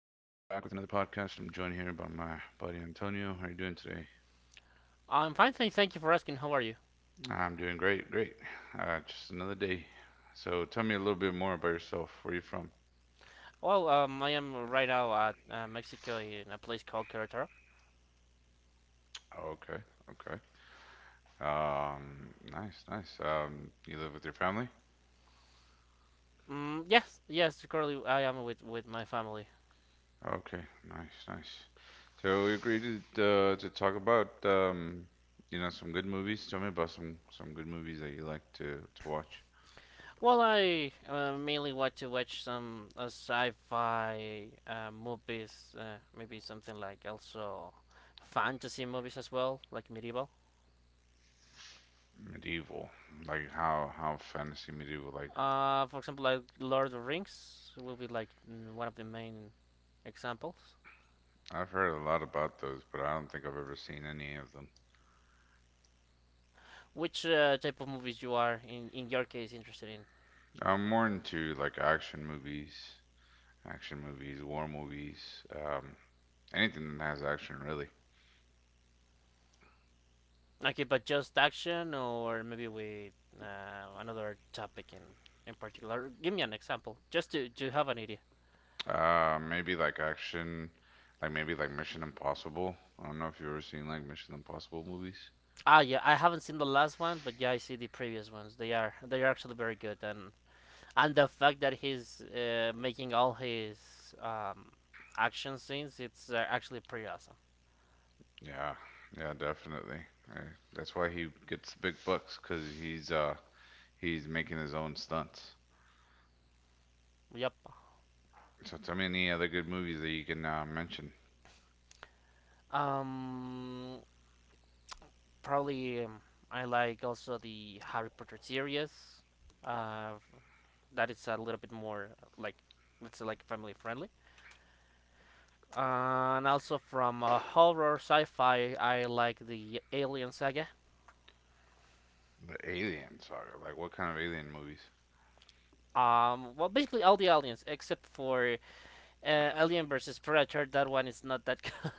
with another podcast. I'm joined here by my buddy Antonio. How are you doing today? I'm fine, thank you for asking. How are you? I'm doing great, great. Just another day. So tell me a little bit more about yourself. Where are you from? Well, I am right now at Mexico in a place called Querétaro. Oh, okay, okay. Nice, nice. You live with your family? Mm, yes, yes, currently I am with my family. Okay, nice, nice. So we agreed to talk about you know, some good movies. Tell me about some good movies that you like to watch. Well, I mainly want to watch some sci-fi movies, maybe something like also fantasy movies as well, like medieval. Medieval, like how fantasy medieval, like For example, like Lord of the Rings will be like one of the main examples. I've heard a lot about those, but I don't think I've ever seen any of them. Which type of movies you are in your case interested in? I'm more into like action movies, war movies, um, anything that has action really. Okay, but just action or maybe with another topic in particular. Give me an example, just to have an idea. Maybe like action, like maybe like Mission Impossible. I don't know if you've ever seen like Mission Impossible movies. Yeah, I haven't seen the last one, but yeah, I see the previous ones. They are actually very good, and the fact that he's making all his action scenes, it's actually pretty awesome. Yeah, yeah, definitely. Uh, That's why he gets the big bucks, cause he's making his own stunts. Yep. So tell me any other good movies that you can mention. Um, probably I like also the Harry Potter series. Uh, that is a little bit more like, let's say, like family friendly. And also from horror sci-fi, I like the Alien saga. The Alien saga, like what kind of alien movies? Well, basically all the aliens except for Alien versus Predator. That one is not that good.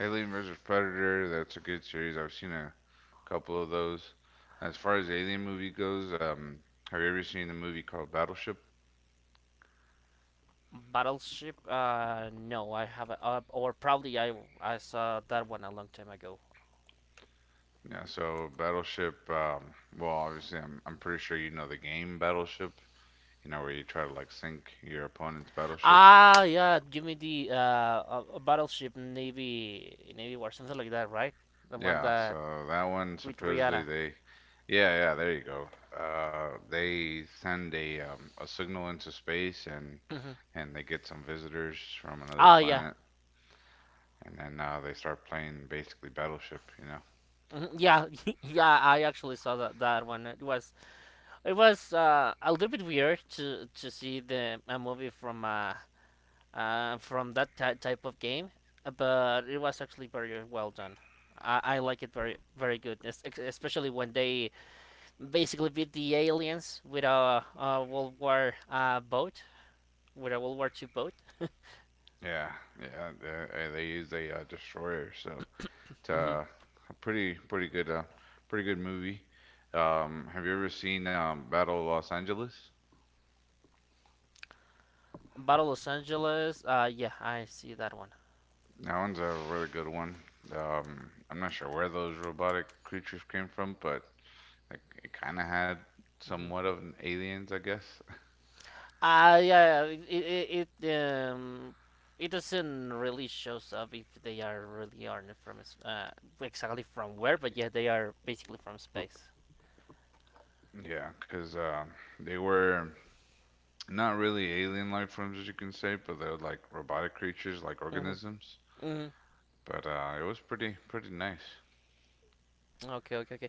Alien vs. Predator, that's a good series. I've seen a couple of those. As far as Alien movie goes, have you ever seen the movie called Battleship? Battleship. No, I haven't. Or probably I saw that one a long time ago. Yeah, so Battleship, well, obviously, I'm pretty sure you know the game Battleship, you know, where you try to like sink your opponent's battleship. Yeah, give me the Battleship Navy War, something like that, right? The one Yeah, that so that one with supposedly Rihanna. they, yeah, yeah, there you go. They send a signal into space and they get some visitors from another Oh yeah. planet and then they start playing basically Battleship, you know. Mhm, yeah, yeah. I actually saw that one. It was a little bit weird to see the a movie from that type of game, but it was actually very well done. I like it very very good, especially when they basically beat the aliens with a World War boat, with a World War II boat. Yeah, yeah. They use a destroyer, so it's Hmm. A pretty good pretty good movie. Have you ever seen Battle of Los Angeles? Battle Los Angeles. Yeah, I see that one. That one's a really good one. I'm not sure where those robotic creatures came from, but like, it kind of had Hmm. somewhat of an aliens, I guess. Yeah, yeah, it doesn't really shows up if they are really aren't from exactly from where, but yeah, they are basically from space. Yeah, because they were not really alien life forms as you can say, but they're like robotic creatures, like Hmm. organisms. Hmm. But it was pretty nice. Okay, okay, okay.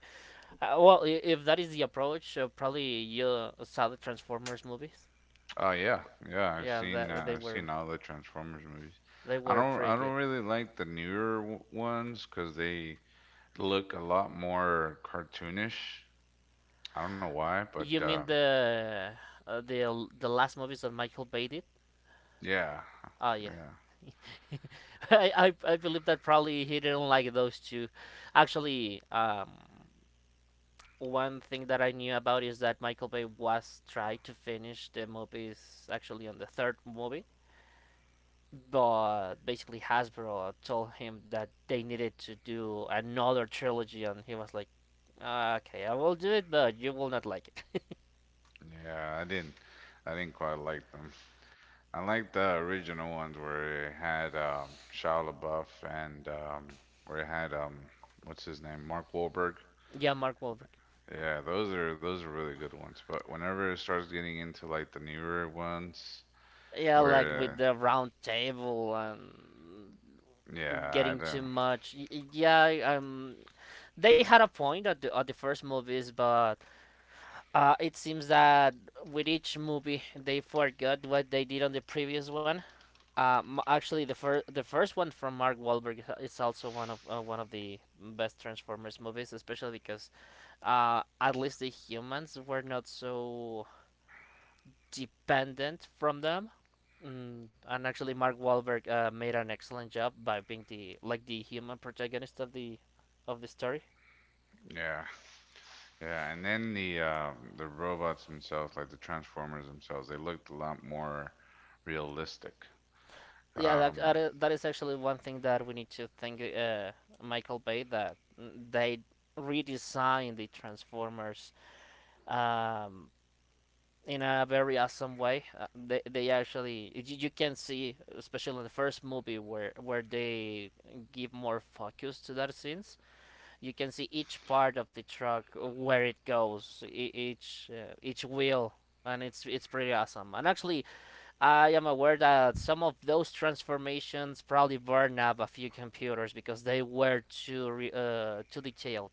Well, if that is the approach, probably you saw the Transformers movies. Uh, yeah, yeah. Yeah, that they I've were seen all the Transformers movies. they I were don't pretty I good. don't really like the newer ones because they look a lot more cartoonish. I don't know why, but You mean the last movies that Michael Bay did? yeah, Oh yeah. yeah, I believe that probably he didn't like those two. Actually, one thing that I knew about is that Michael Bay was trying to finish the movies actually on the third movie, but basically Hasbro told him that they needed to do another trilogy, and he was like, "Ah, okay, I will do it, but you will not like it." yeah. I didn't quite like them. I like the original ones where it had Shia LaBeouf and where it had what's his name, Mark Wahlberg. Yeah, Mark Wahlberg. Yeah, those are really good ones. But whenever it starts getting into like the newer ones, Yeah, like with where the round table and yeah, I getting too don't, much. Yeah, they had a point at the first movies, but it seems that with each movie they forgot what they did on the previous one. Actually, the first one from Mark Wahlberg is also one of the best Transformers movies, especially because at least the humans were not so dependent from them. And actually, Mark Wahlberg made an excellent job by being the, like, the human protagonist of the story. yeah, yeah, and then the robots themselves, like the Transformers themselves, they looked a lot more realistic. Yeah, that that Um, i- that is actually one thing that we need to thank Michael Bay, that they redesigned the Transformers um, in a very awesome way. They actually, you can see, especially in the first movie, where they give more focus to that scenes, you can see each part of the truck where it goes, each wheel, and it's pretty awesome. And actually, I am aware that some of those transformations probably burned up a few computers because they were too detailed.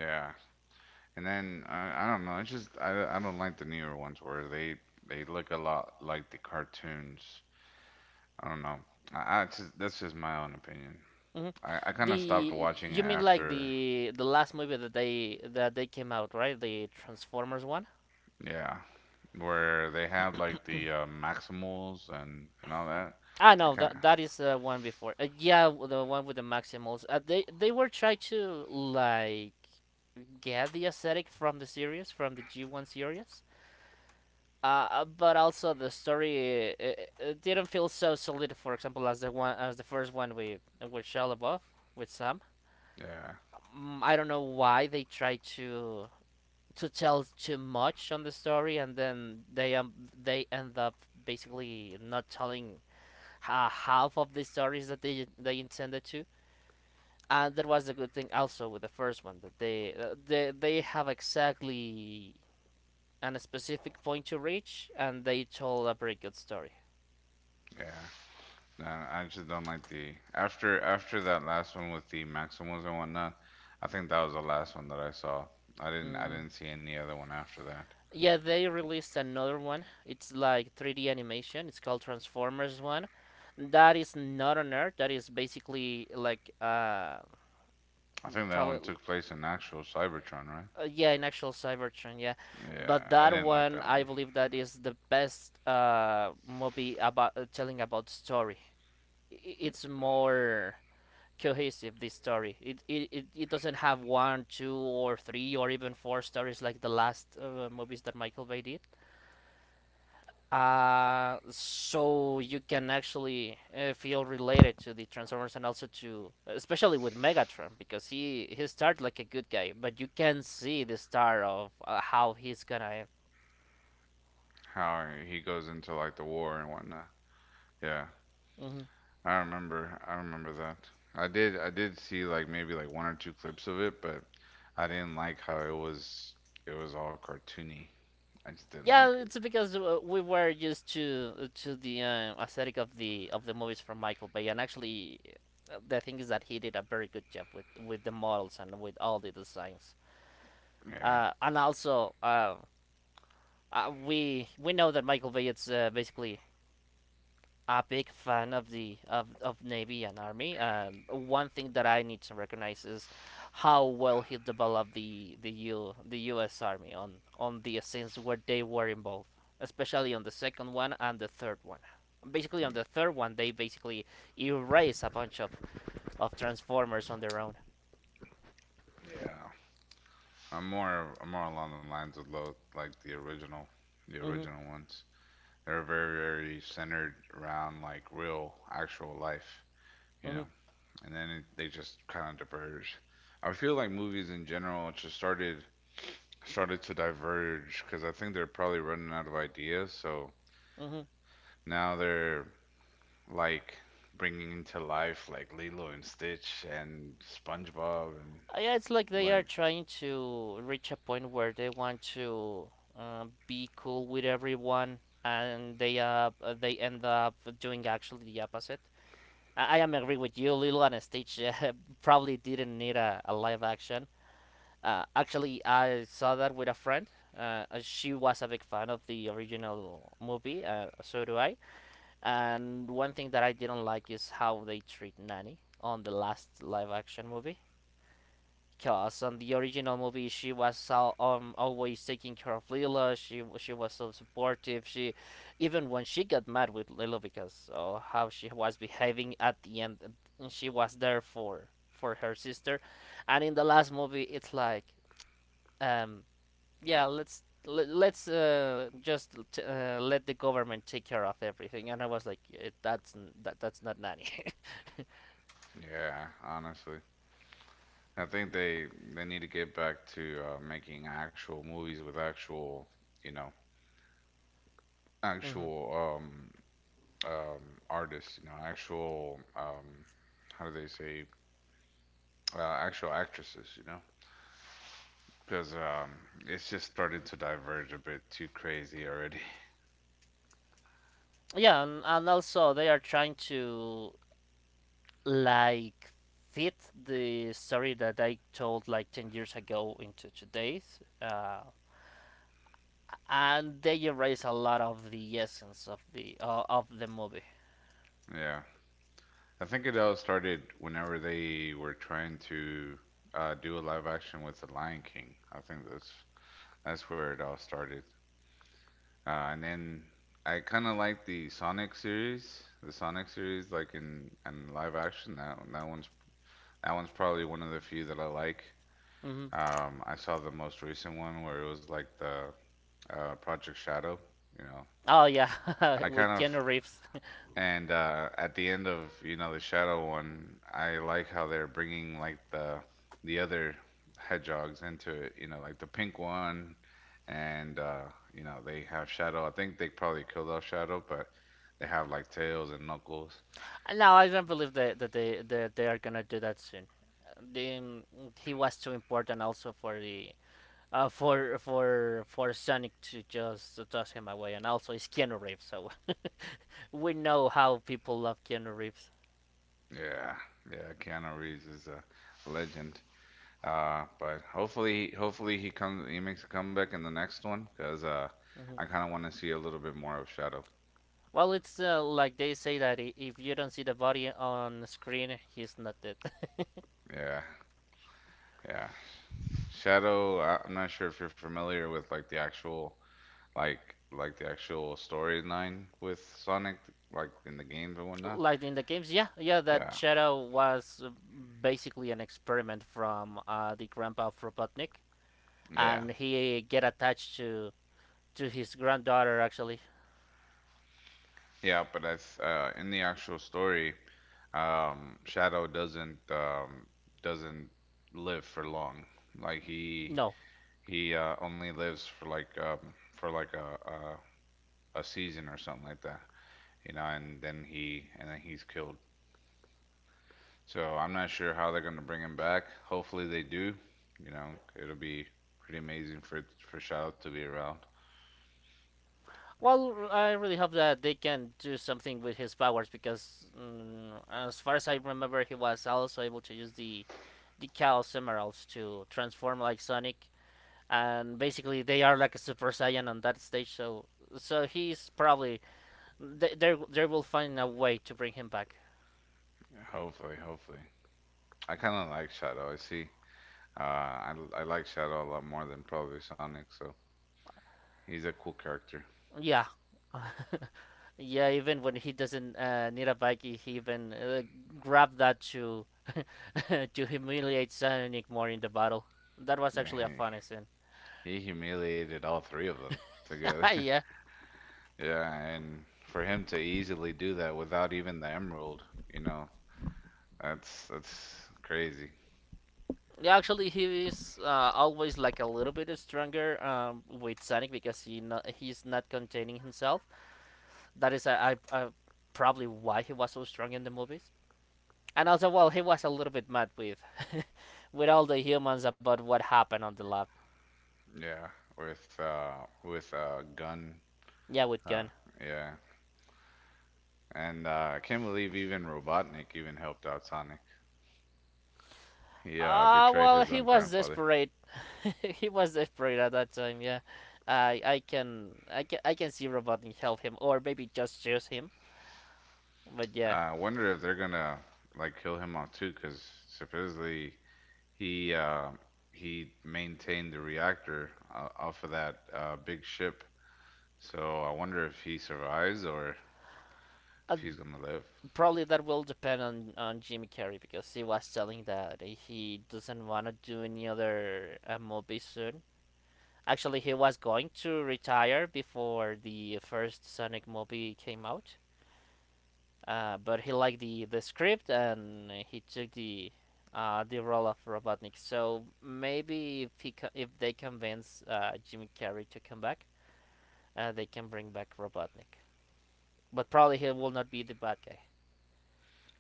yeah. And then I don't know. It's just I don't like the newer ones where they look a lot like the cartoons. I don't know. I just that's just my own opinion. Hmm. I kind of stopped The watching you mean like after the last movie that they came out, right? The Transformers one? yeah, where they have like the Maximals and all that. I No, can't. that is one before. Yeah, the one with the Maximals. They were trying to, like, get the aesthetic from the series, from the G1 series. But also the story, didn't feel so solid, for example, as the one, as the first one with Shia LaBeouf, with Sam. Yeah, I don't know why they tried to tell too much on the story, and then they end up basically not telling half of the stories that they intended to. And that was a good thing also with the first one, that they have exactly and a specific point to reach, and they told a pretty good story. yeah. No, I just don't like the after that last one with the Maximals and whatnot. I think that was the last one that I saw. I didn't I Mm, didn't see any other one after that. yeah, they released another one. It's like 3D animation. It's called Transformers One. That is not on Earth. That is basically like I think that one probably, took place in actual Cybertron, right? Yeah, in actual Cybertron, yeah. But Yeah, I that didn't like one, that I one. believe that is the best movie about telling about story. It's more cohesive, this story. It doesn't have one, two, or three, or even four stories like the last movies that Michael Bay did, so you can actually feel related to the Transformers, and also to, especially with Megatron, because he started like a good guy, but you can see the star of, how he's gonna end. How he goes into like the war and whatnot. Yeah, Hmm. I remember. I remember that. I did. I did see like maybe like one or two clips of it, but I didn't like how it was. It was all cartoony. I just didn't like Yeah, it. it's because we were used to the aesthetic of the movies from Michael Bay, and actually, the thing is that he did a very good job with the models and with all the designs. Yeah, And also, we know that Michael Bay is basically a big fan of Navy and Army. One thing that I need to recognize is how well he developed the U.S. Army on the scenes where they were involved, especially on the second one and the third one. Basically, on the third one, they basically erase a bunch of Transformers on their own. Yeah. I'm more. I'm more along the lines of like the Hmm. original ones. They're very, very centered around like real, actual life. You Hmm. know. And then it, they just kind of diverge. I feel like movies in general just started to diverge because I think they're probably running out of ideas. So Hmm. now they're like bringing into life like Lilo and Stitch and SpongeBob and Yeah, it's like they are like trying to reach a point where they want to be cool with everyone, and they end up doing actually the opposite. I am agree with you. Lilo and Stitch, probably didn't need a live action. Actually, I saw that with a friend. She was a big fan of the original movie. So do I. And one thing that I didn't like is how they treat Nanny on the last live action movie. Cause on the original movie, she was so, always taking care of Lila. She was so supportive. She, even when she got mad with Lila because of how she was behaving at the end, she was there for her sister. And in the last movie, it's like, um, yeah, let's just let the government take care of everything. And I was like, "Eh, that's that's not Nanny." yeah, honestly. I think they need to get back to making actual movies with actual, you know, Hmm. actual um artists, you know, actual how do they say actual actresses, you know, because it's just starting to diverge a bit too crazy already. Yeah, and also they are trying to, like, fit the story that I told like 10 years ago into today's, and they erase a lot of the essence of the movie. Yeah, I think it all started whenever they were trying to do a live action with The Lion King. I think that's where it all started, and then I kind of like the Sonic series, like in and live action. That that one's probably one of the few that I like. Hmm. I saw the most recent one where it was like the Project Shadow, you know, Oh yeah, I with kind of Keanu Reeves. and at the end of you know the Shadow one, I like how they're bringing like the other hedgehogs into it. You know, like the pink one, and you know they have Shadow. I think they probably killed off Shadow, but they have like Tails and Knuckles. No, I don't believe that, that they are gonna do that soon. The, um, he was too important also for the for Sonic to just toss him away, and also it's Keanu Reeves, so we know how people love Keanu Reeves. Yeah, yeah. Keanu Reeves is a legend. But hopefully, hopefully he comes. He makes a comeback in the next one because I Hmm. kind of want to see a little bit more of Shadow. Well, it's like they say that if you don't see the body on screen, he's not dead. Yeah. Yeah. Shadow, I'm not sure if you're familiar with like like the actual storyline with Sonic, like in the games and whatnot. Like in the games, yeah, yeah, that Yeah. Shadow was basically an experiment from the grandpa of Robotnik, Yeah. and he get attached to his granddaughter actually. Yeah, but that's in the actual story, Shadow doesn't live for long. Like he No. Only lives for like a season or something like that. You know, and then he and then he's killed. So I'm not sure how they're going to bring him back. Hopefully they do. You know, it'll be pretty amazing for Shadow to be around. Well, I really hope that they can do something with his powers because, as far as I remember, he was also able to use the Chaos Emeralds to transform like Sonic, and basically they are like a super saiyan on that stage. So he's probably, they will find a way to bring him back. Yeah, hopefully, hopefully. I kind of like Shadow. I see. I like Shadow a lot more than probably Sonic. So he's a cool character. Yeah, yeah. Even when he doesn't need a bike, he even grabbed that to to humiliate Sonic more in the battle. That was Yeah, actually a funny scene. He humiliated all three of them together. Yeah. Yeah, and for him to easily do that without even the Emerald, you know, that's crazy. Yeah, actually, he is always like a little bit stronger with Sonic because he's not containing himself. That is, I probably why he was so strong in the movies. And also, well, he was a little bit mad with, with all the humans about what happened on the lab. Yeah, with gun. Yeah, with Uh, Gun. yeah, and I can't believe even Robotnik even helped out Sonic. He betrayed Well, his he own was grandfather. desperate. He was desperate at that time. Yeah, I can see Robotnik help him, or maybe just choose him. But yeah, I wonder if they're gonna like kill him off too, because supposedly he uh, he maintained the reactor off of that big ship. So I wonder if he survives or if uh, he's gonna live. probably that will depend on Jimmy Carrey because he was telling that he doesn't want to do any other movie soon. Actually, he was going to retire before the first Sonic movie came out. But he liked the script and he took the role of Robotnik. So maybe if if they convince Jimmy Carrey to come back, they can bring back Robotnik. But probably he will not be the bad guy.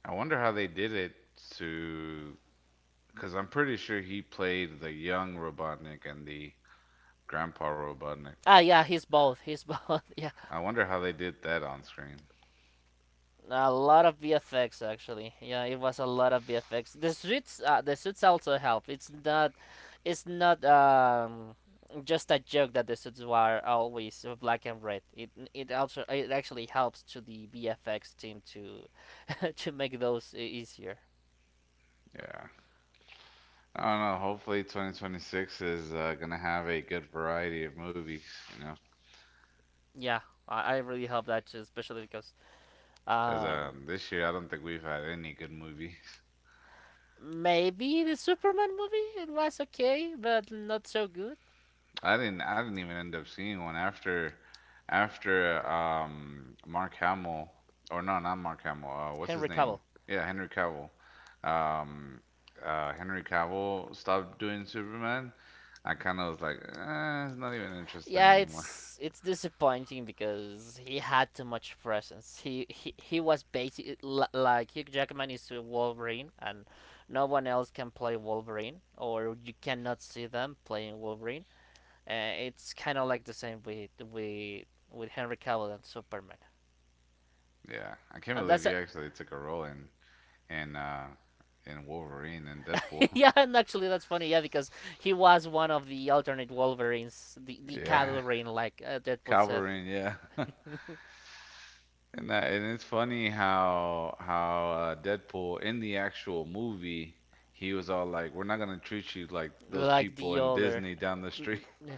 I wonder how they did it to, because I'm pretty sure he played the young Robotnik and the grandpa Robotnik. Ah, yeah, he's both. He's both. Yeah, I wonder how they did that on screen. a lot of VFX actually. Yeah, it was a lot of VFX. The suits also help. It's not just a joke that the suits were always black and red. It also it actually helps to the VFX team to to make those easier. Yeah. I don't know. Hopefully, 2026 is gonna have a good variety of movies, you know, Yeah, I really hope that too, especially because because um this year I don't think we've had any good movies. maybe the Superman movie it was okay but not so good. I didn't. I didn't even end up seeing one after, after Mark Hamill, or no, not Mark Hamill. What's Henry his Cavill. name? Yeah, Henry Cavill. Um, Henry Cavill stopped doing Superman. I kind of was like, eh, it's not even interesting Yeah, anymore. it's disappointing because he had too much presence. He was like Hugh Jackman is a Wolverine, and no one else can play Wolverine, or you cannot see them playing Wolverine. It's kind of like the same with with Henry Cavill and Superman. Yeah, I can't And believe that's he a, actually took a role in and uh and Wolverine and Deadpool. yeah, and actually that's funny, yeah, because he was one of the alternate Wolverines, the Yeah. cavalry, like Deadpool said, Calverine, yeah. And that, and it's funny how how Deadpool in the actual movie he was all like, "We're not gonna treat you like those like people the in other. Disney down the street." Yeah,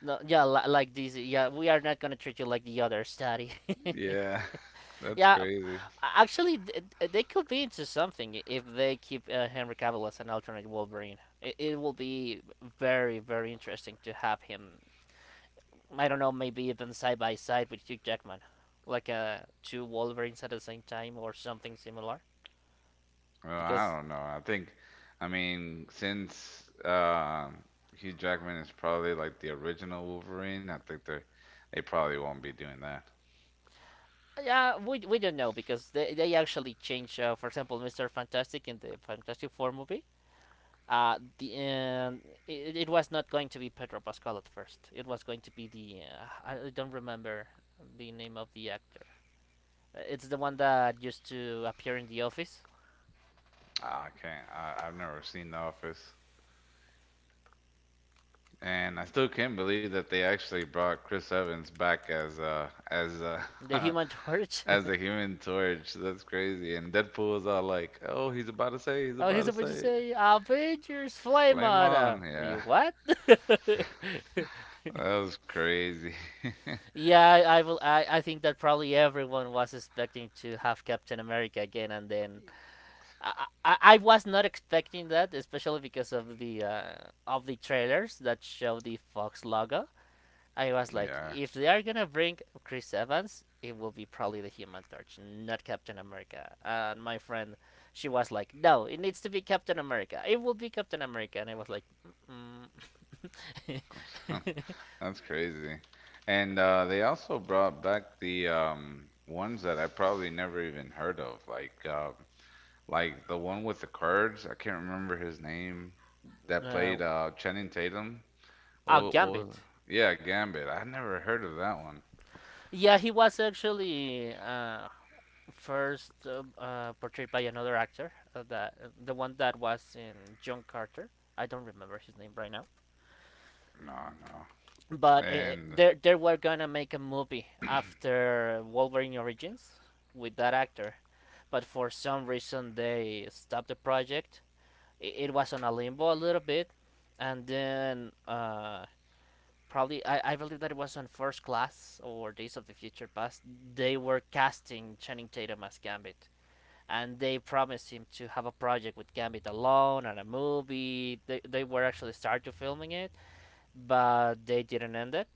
no, yeah, like this. Yeah, we are not gonna treat you like the other study. Yeah, that's Yeah, crazy. actually, they could be into something if they keep Henry Cavill as an alternate Wolverine. It will be very, very interesting to have him. I don't know, maybe even side by side with Hugh Jackman, like two Wolverines at the same time or something similar. Well, Because I don't know. I think, I mean, since Hugh Jackman is probably like the original Wolverine, I think they probably won't be doing that. yeah, we don't know because they actually changed. For example, Mister Fantastic in the Fantastic Four movie the it was not going to be Pedro Pascal at first. It was going to be the I don't remember the name of the actor. It's the one that used to appear in The Office, Ah, I can't. I've never seen The Office. And I still can't believe that they actually brought Chris Evans back as the Human Torch. As as the Human Torch. That's crazy. And Deadpool was all like, "Oh, he's about to say, he's about he's to about to say, save oh, it. he's about to say Avengers flame Flame on. On!" Yeah, You what? that was crazy. Yeah, I think that probably everyone was expecting to have Captain America again, and then I was not expecting that, especially because of the trailers that show the Fox logo. I was like, Yeah, if they are gonna bring Chris Evans, it will be probably the Human Torch, not Captain America. And my friend, she was like, no, it needs to be Captain America. It will be Captain America, and I was like, mm -mm. that's crazy. And they also brought back the ones that I probably never even heard of, like the one with the cards. I can't remember his name that uh, played Channing Tatum. oh, Oh, what was Gambit. it? Yeah, Gambit. I never heard of that one. Yeah, he was actually first portrayed by another actor, that the one that was in John Carter. I don't remember his name right now, No, no. but And they were gonna make a movie after Wolverine Origins with that actor, but for some reason they stopped the project. It was on a limbo a little bit, and then probably I believe that it was on First Class or Days of the Future Past. They were casting Channing Tatum as Gambit, and they promised him to have a project with Gambit alone and a movie. They were actually started filming it, but they didn't end it.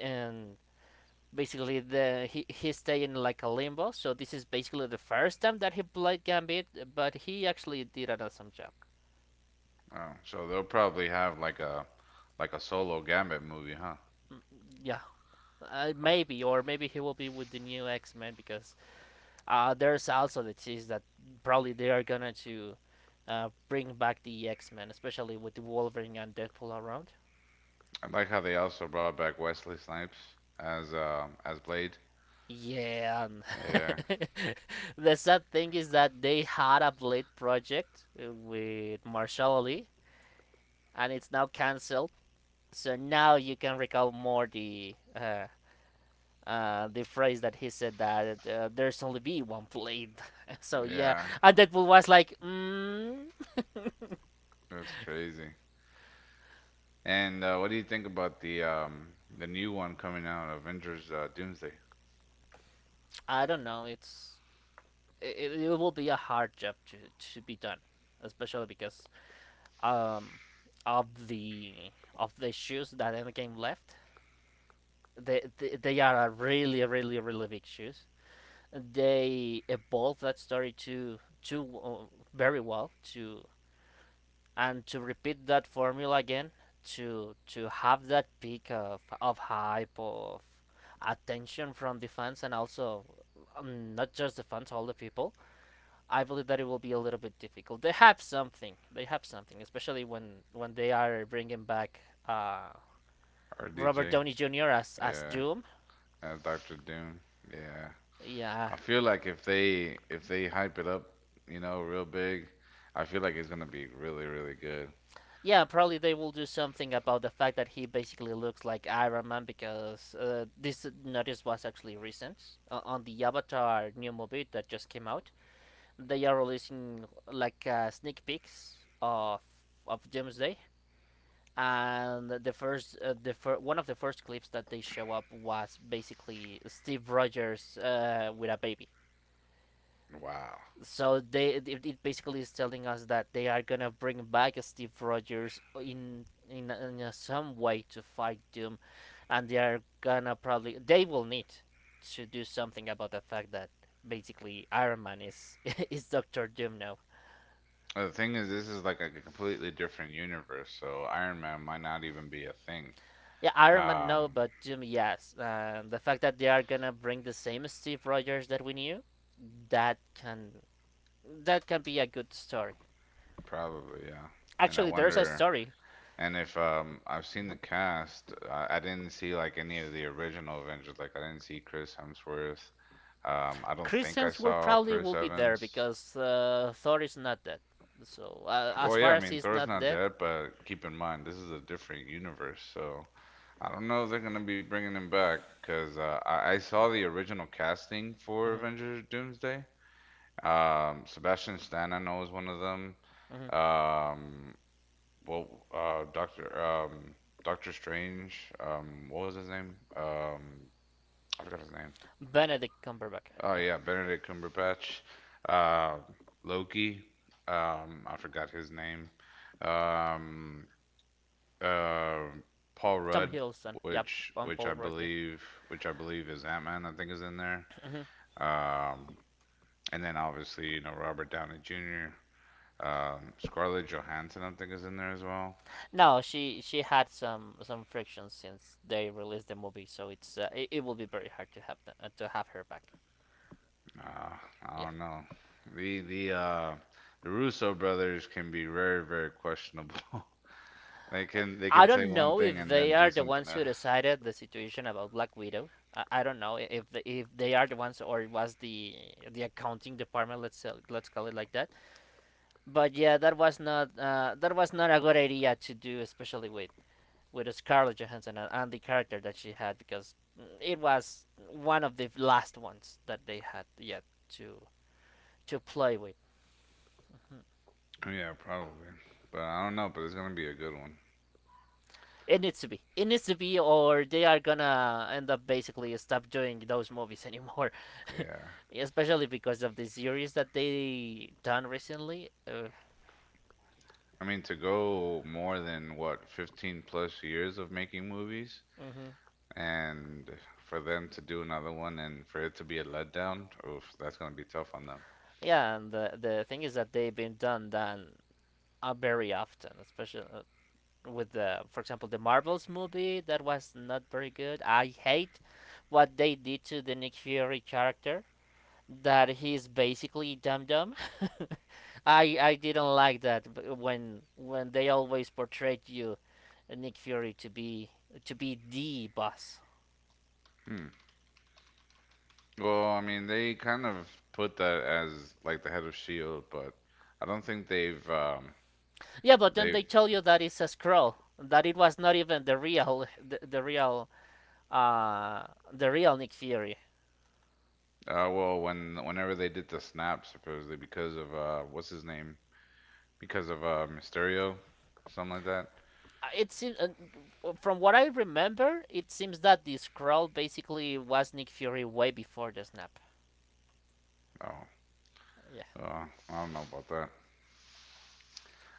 And basically, the he stayed in like a limbo. So this is basically the first time that he played Gambit, but he actually did an awesome job. oh, so they'll probably have like a solo Gambit movie, huh? Mm, yeah, Oh, maybe or maybe he will be with the new X Men because there's also the tease that probably they are gonna to. Bring back the X Men, especially with Wolverine and Deadpool around. I like how they also brought back Wesley Snipes as Blade. Yeah. And Yeah, the sad thing is that they had a Blade project with Marshall Ali, and it's now cancelled. So now you can recall more the phrase that he said that there's only be one Blade. So yeah, yeah, and Deadpool was like, mm, that's crazy. And what do you think about the new one coming out, Avengers Doomsday? I don't know. It's it will be a hard job to be done, especially because um of the of the shoes that Endgame left. They are a really really really big shoes. They evolved that story to very well to and to repeat that formula again to have that peak of hype of attention from the fans and also not just the fans, all the people. I believe that it will be a little bit difficult. They have something, they have something, especially when they are bringing back uh Robert RDJ. Downey Jr. As Yeah, Doom. Doctor Doom. Yeah. Yeah. I feel like if they hype it up, you know, real big, I feel like it's gonna be really, really good. Yeah, probably they will do something about the fact that he basically looks like Iron Man because this notice was actually recent on the Avatar new movie that just came out. They are releasing like sneak peeks of Doomsday, and the first one of the first clips that they show up was basically Steve Rogers with a baby, Wow. so they, it basically is telling us that they are gonna bring back Steve Rogers in a, some way to fight Doom, and they are gonna probably they will need to do something about the fact that basically Iron Man is is Doctor Doom now. The thing is, this is like a completely different universe, so Iron Man might not even be a thing. Yeah, Iron Man no, Um, but Doom yes. The fact that they are gonna bring the same Steve Rogers that we knew, that can that can be a good story. Probably, yeah. And I Actually, there's a wonder, story. and if I've seen the cast, I didn't see like any of the original Avengers. Like I didn't see Chris Hemsworth. I don't Chris think I Hemsworth saw probably Chris will be there Evans. because Thor is not dead. So as Well, yeah, far I as mean, he's Thor's not not dead, dead, but keep in mind, this is a different universe, so I don't know if they're gonna be bringing him back, 'cause I saw the original casting for mhm. Avengers Doomsday. Sebastian Stan, I know, is one of them. Mhm. Um, Doctor, Doctor Strange, what was his name? I forgot his name. Benedict Cumberbatch, Oh yeah. yeah, Benedict Cumberbatch, uh, Loki. I forgot his name. Um, um Paul Tom Rudd, Hiddleston, yeah, which on which I Paul Rudd, yeah. believe which I believe is Ant Man, I think is in there. Mhm. Um, and then obviously you know Robert Downey Jr. Scarlett Johansson, I think is in there as well. No, she had some friction since they released the movie, so it's it will be very hard to have the, to have her back. Uh, I Yeah. don't know. The the uh the Russo brothers can be very questionable. They can they I can say don't one know thing if and they then are do the something ones else. who decided the situation about Black Widow. I don't know if the, if they are the ones or it was the accounting department. Let's say, let's call it like that. But yeah, that was not a good idea to do, especially with Scarlett Johansson and the character that she had because it was one of the last ones that they had yet to to play with. Hmm. Yeah, probably. But I don't know. But it's gonna be a good one. It needs to be. It needs to be, or they are gonna end up basically stop doing those movies anymore. Yeah. Especially because of the series that they done recently. I mean, to go more than what, 15 plus years of making movies, hmm and for them to do another one and for it to be a letdown, oof, that's going to be tough on them. Yeah, and the thing is that they've been done done very often, especially with the, for example, the Marvels movie that was not very good. I hate what they did to the Nick Fury character. That he's basically Dum Dum. I didn't like that when they always portrayed you, Nick Fury, to be the boss. Hmm. Well, I mean, they kind of put that as like the head of Shield, but I don't think they've um Yeah, but then they've they tell you that it's a scroll, that it was not even the real the real uh the real Nick Fury. uh well whenever they did the snap supposedly because of what's his name? Because of Mysterio, something like that. It seems from what I remember, it seems that the scroll basically was Nick Fury way before the snap. Oh, Yeah, uh, I don't know about that.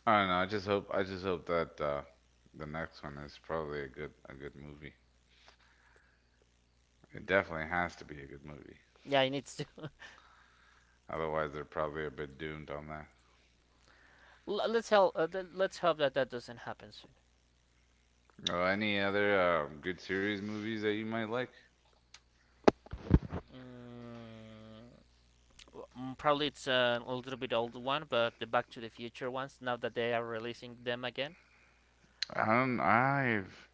I don't know. I just hope. I just hope that the next one is probably a good movie. It definitely has to be a good movie. yeah, he needs to. Otherwise, they're probably a bit doomed on that. Let's help. Let's hope that that doesn't happen soon. Oh, any other good series movies that you might like? Mm, mm, probably it's a little bit old one, but the Back to the Future ones. Now that they are releasing them again, I don't. I've.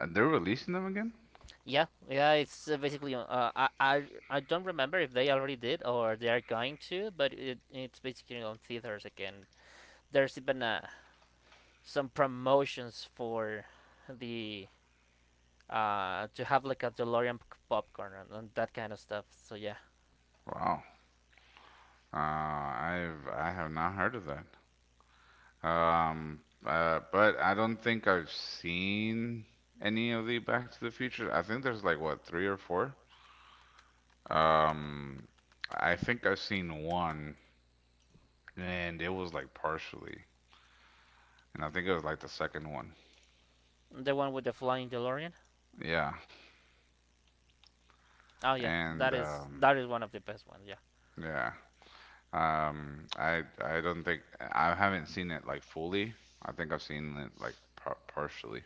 They're releasing them again? yeah, yeah, it's basically. I I don't remember if they already did or they are going to, but it's basically on theaters again. There's even some promotions for the to have like a DeLorean popcorn and that kind of stuff. So yeah, Wow. I've. I have not heard of that. Um. But I don't think I've seen any of the Back to the Future. I think there's like what three or four. Um. I think I've seen one and it was like partially, and I think it was like the second one. the one with the flying DeLorean. Yeah, Oh yeah, and um, that is one of the best ones. Yeah. yeah, I don't think I haven't seen it like fully. I think I've seen it like partially.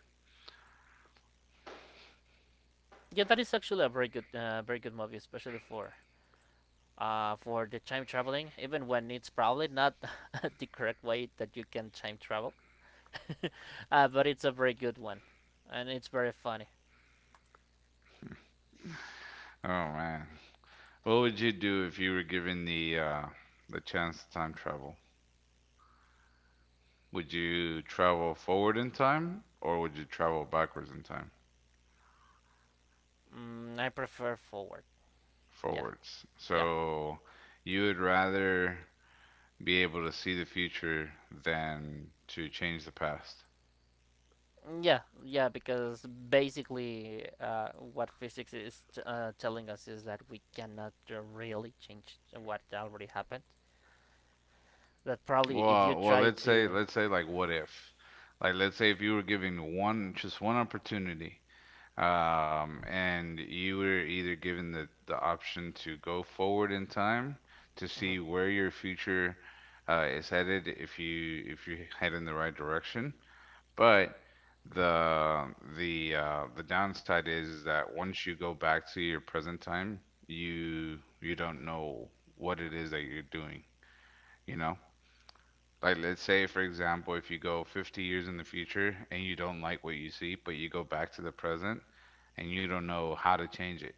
Yeah, that is actually a very good, very good movie, especially for the time traveling. Even when it's probably not the correct way that you can time travel, but it's a very good one, and it's very funny. Oh man, what would you do if you were given the chance to time travel? Would you travel forward in time or would you travel backwards in time? Mm, I prefer Forward. Yeah, Forwards. yeah, So you would rather be able to see the future than to change the past. mm, yeah, yeah. Because basically, what physics is telling us is that we cannot really change what already happened. That probably if you Well, well, try let's say to. let's say like what if? Like let's say if you were given one just one opportunity and you were either given the option to go forward in time to Mhm. see where your future is headed if you head in the right direction. But the downside is that once you go back to your present time, you don't know what it is that you're doing, you know? Like let's say for example, if you go 50 years in the future and you don't like what you see, but you go back to the present and you don't know how to change it.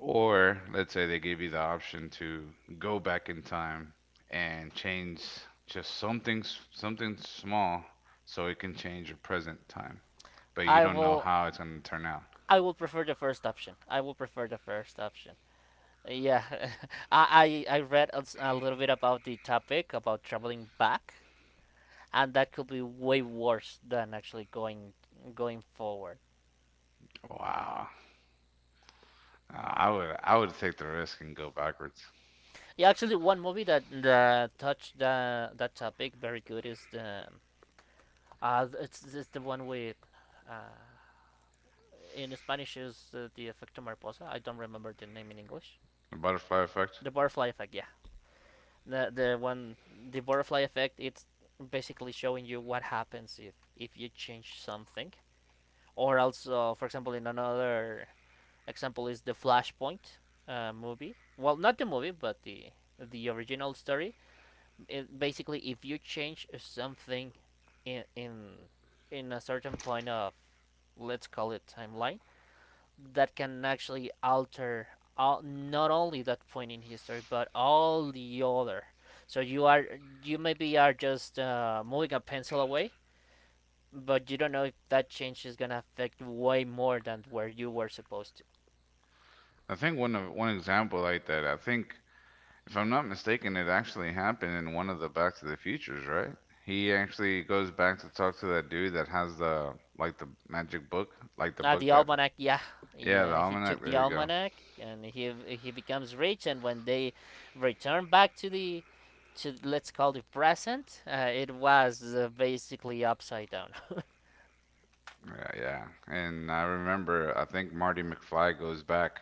Or let's say they give you the option to go back in time and change just something something small so it can change your present time, but you I don't know will. how it's going to turn out. I will prefer the first option. I will prefer the first option. Yeah, I read a, a little bit about the topic about traveling back, and that could be way worse than actually going going forward. Wow. I would take the risk and go backwards. Yeah, actually, one movie that that touched the that topic very good is the it's the one with uh in Spanish is the Efecto Mariposa. I don't remember the name in English. The butterfly effect. The butterfly effect, yeah. The one the butterfly effect. It's basically showing you what happens if you change something. Or also, for example, in another example is the Flashpoint movie. Well, not the movie, but the original story. It, basically, if you change something in in in a certain point of let's call it timeline, that can actually alter all, not only that point in history but all the other, so you are you maybe are just moving a pencil away but you don't know if that change is gonna affect way more than where you were supposed to. I think one example like that. I think if I'm not mistaken, it actually happened in one of the Back to the Futures, right? He actually goes back to talk to that dude that has the like the magic book, like the Ah, the book that, almanac, yeah. yeah, the Yeah, he almanac. took the There you go. almanac and he becomes rich, and when they return back to the to let's call it present, it was basically upside down, Yeah, yeah. And I remember, I think Marty McFly goes back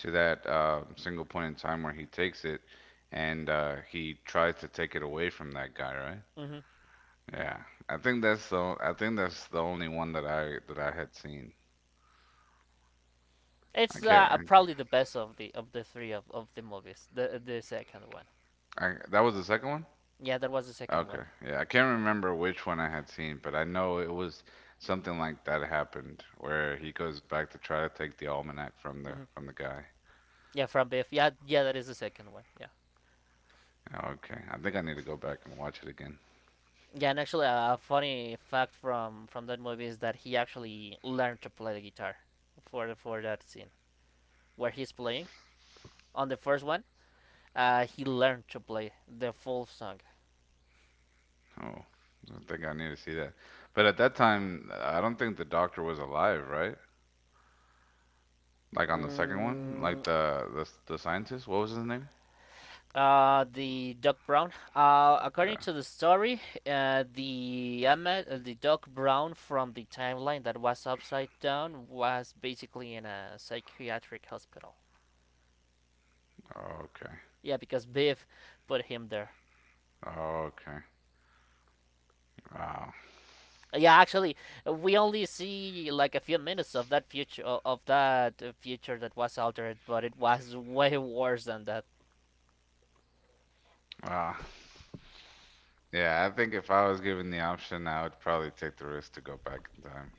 to that single point in time where he takes it, and he tries to take it away from that guy, right? right? Hmm. Yeah. I think that's the. I think that's the only one that I had seen. I It's can't. probably the best of the three of the movies. The second one. That was the second one. Yeah, that was the second Okay. one. Yeah, I can't remember which one I had seen, but I know it was something like that happened where he goes back to try to take the almanac from the Mm-hmm. from the guy. Yeah, from Biff. Yeah, yeah, that is the second one. Yeah. Oh, okay, I think I need to go back and watch it again. Yeah, and actually, a funny fact from that movie is that he actually learned to play the guitar for the, for that scene where he's playing on the first one. He learned to play the full song. Oh, I think I need to see that. But at that time, I don't think the doctor was alive, right? Like on the second one, Mm, like the scientist. What was his name? The Doc Brown. According Yeah. to the story, the Doc Brown from the timeline that was upside down was basically in a psychiatric hospital. Okay. Yeah, because Biff put him there. Okay. Wow. Yeah, actually, we only see like a few minutes of that future of that future that was altered, but it was way worse than that. Wow. Yeah, I think if I was given the option, I would probably take the risk to go back in time.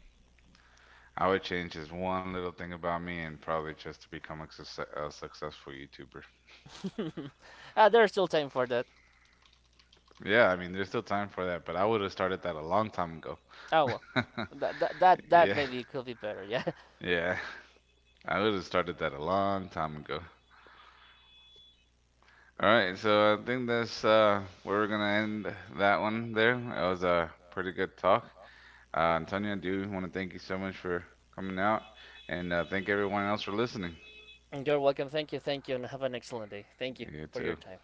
I would change just one little thing about me and probably just to become a, success a successful YouTuber. There's still time for that. Yeah, I mean, there's still time for that, but I would have started that a long time ago. Oh well, that that Yeah. maybe could be better. Yeah. Yeah, I would have started that a long time ago. All right, so I think that's where we're gonna end that one there. That was a pretty good talk. Antonio, I do want to thank you so much for coming out, and thank everyone else for listening. You're welcome. Thank you. Thank you. And have an excellent day. Thank you You for your too. time.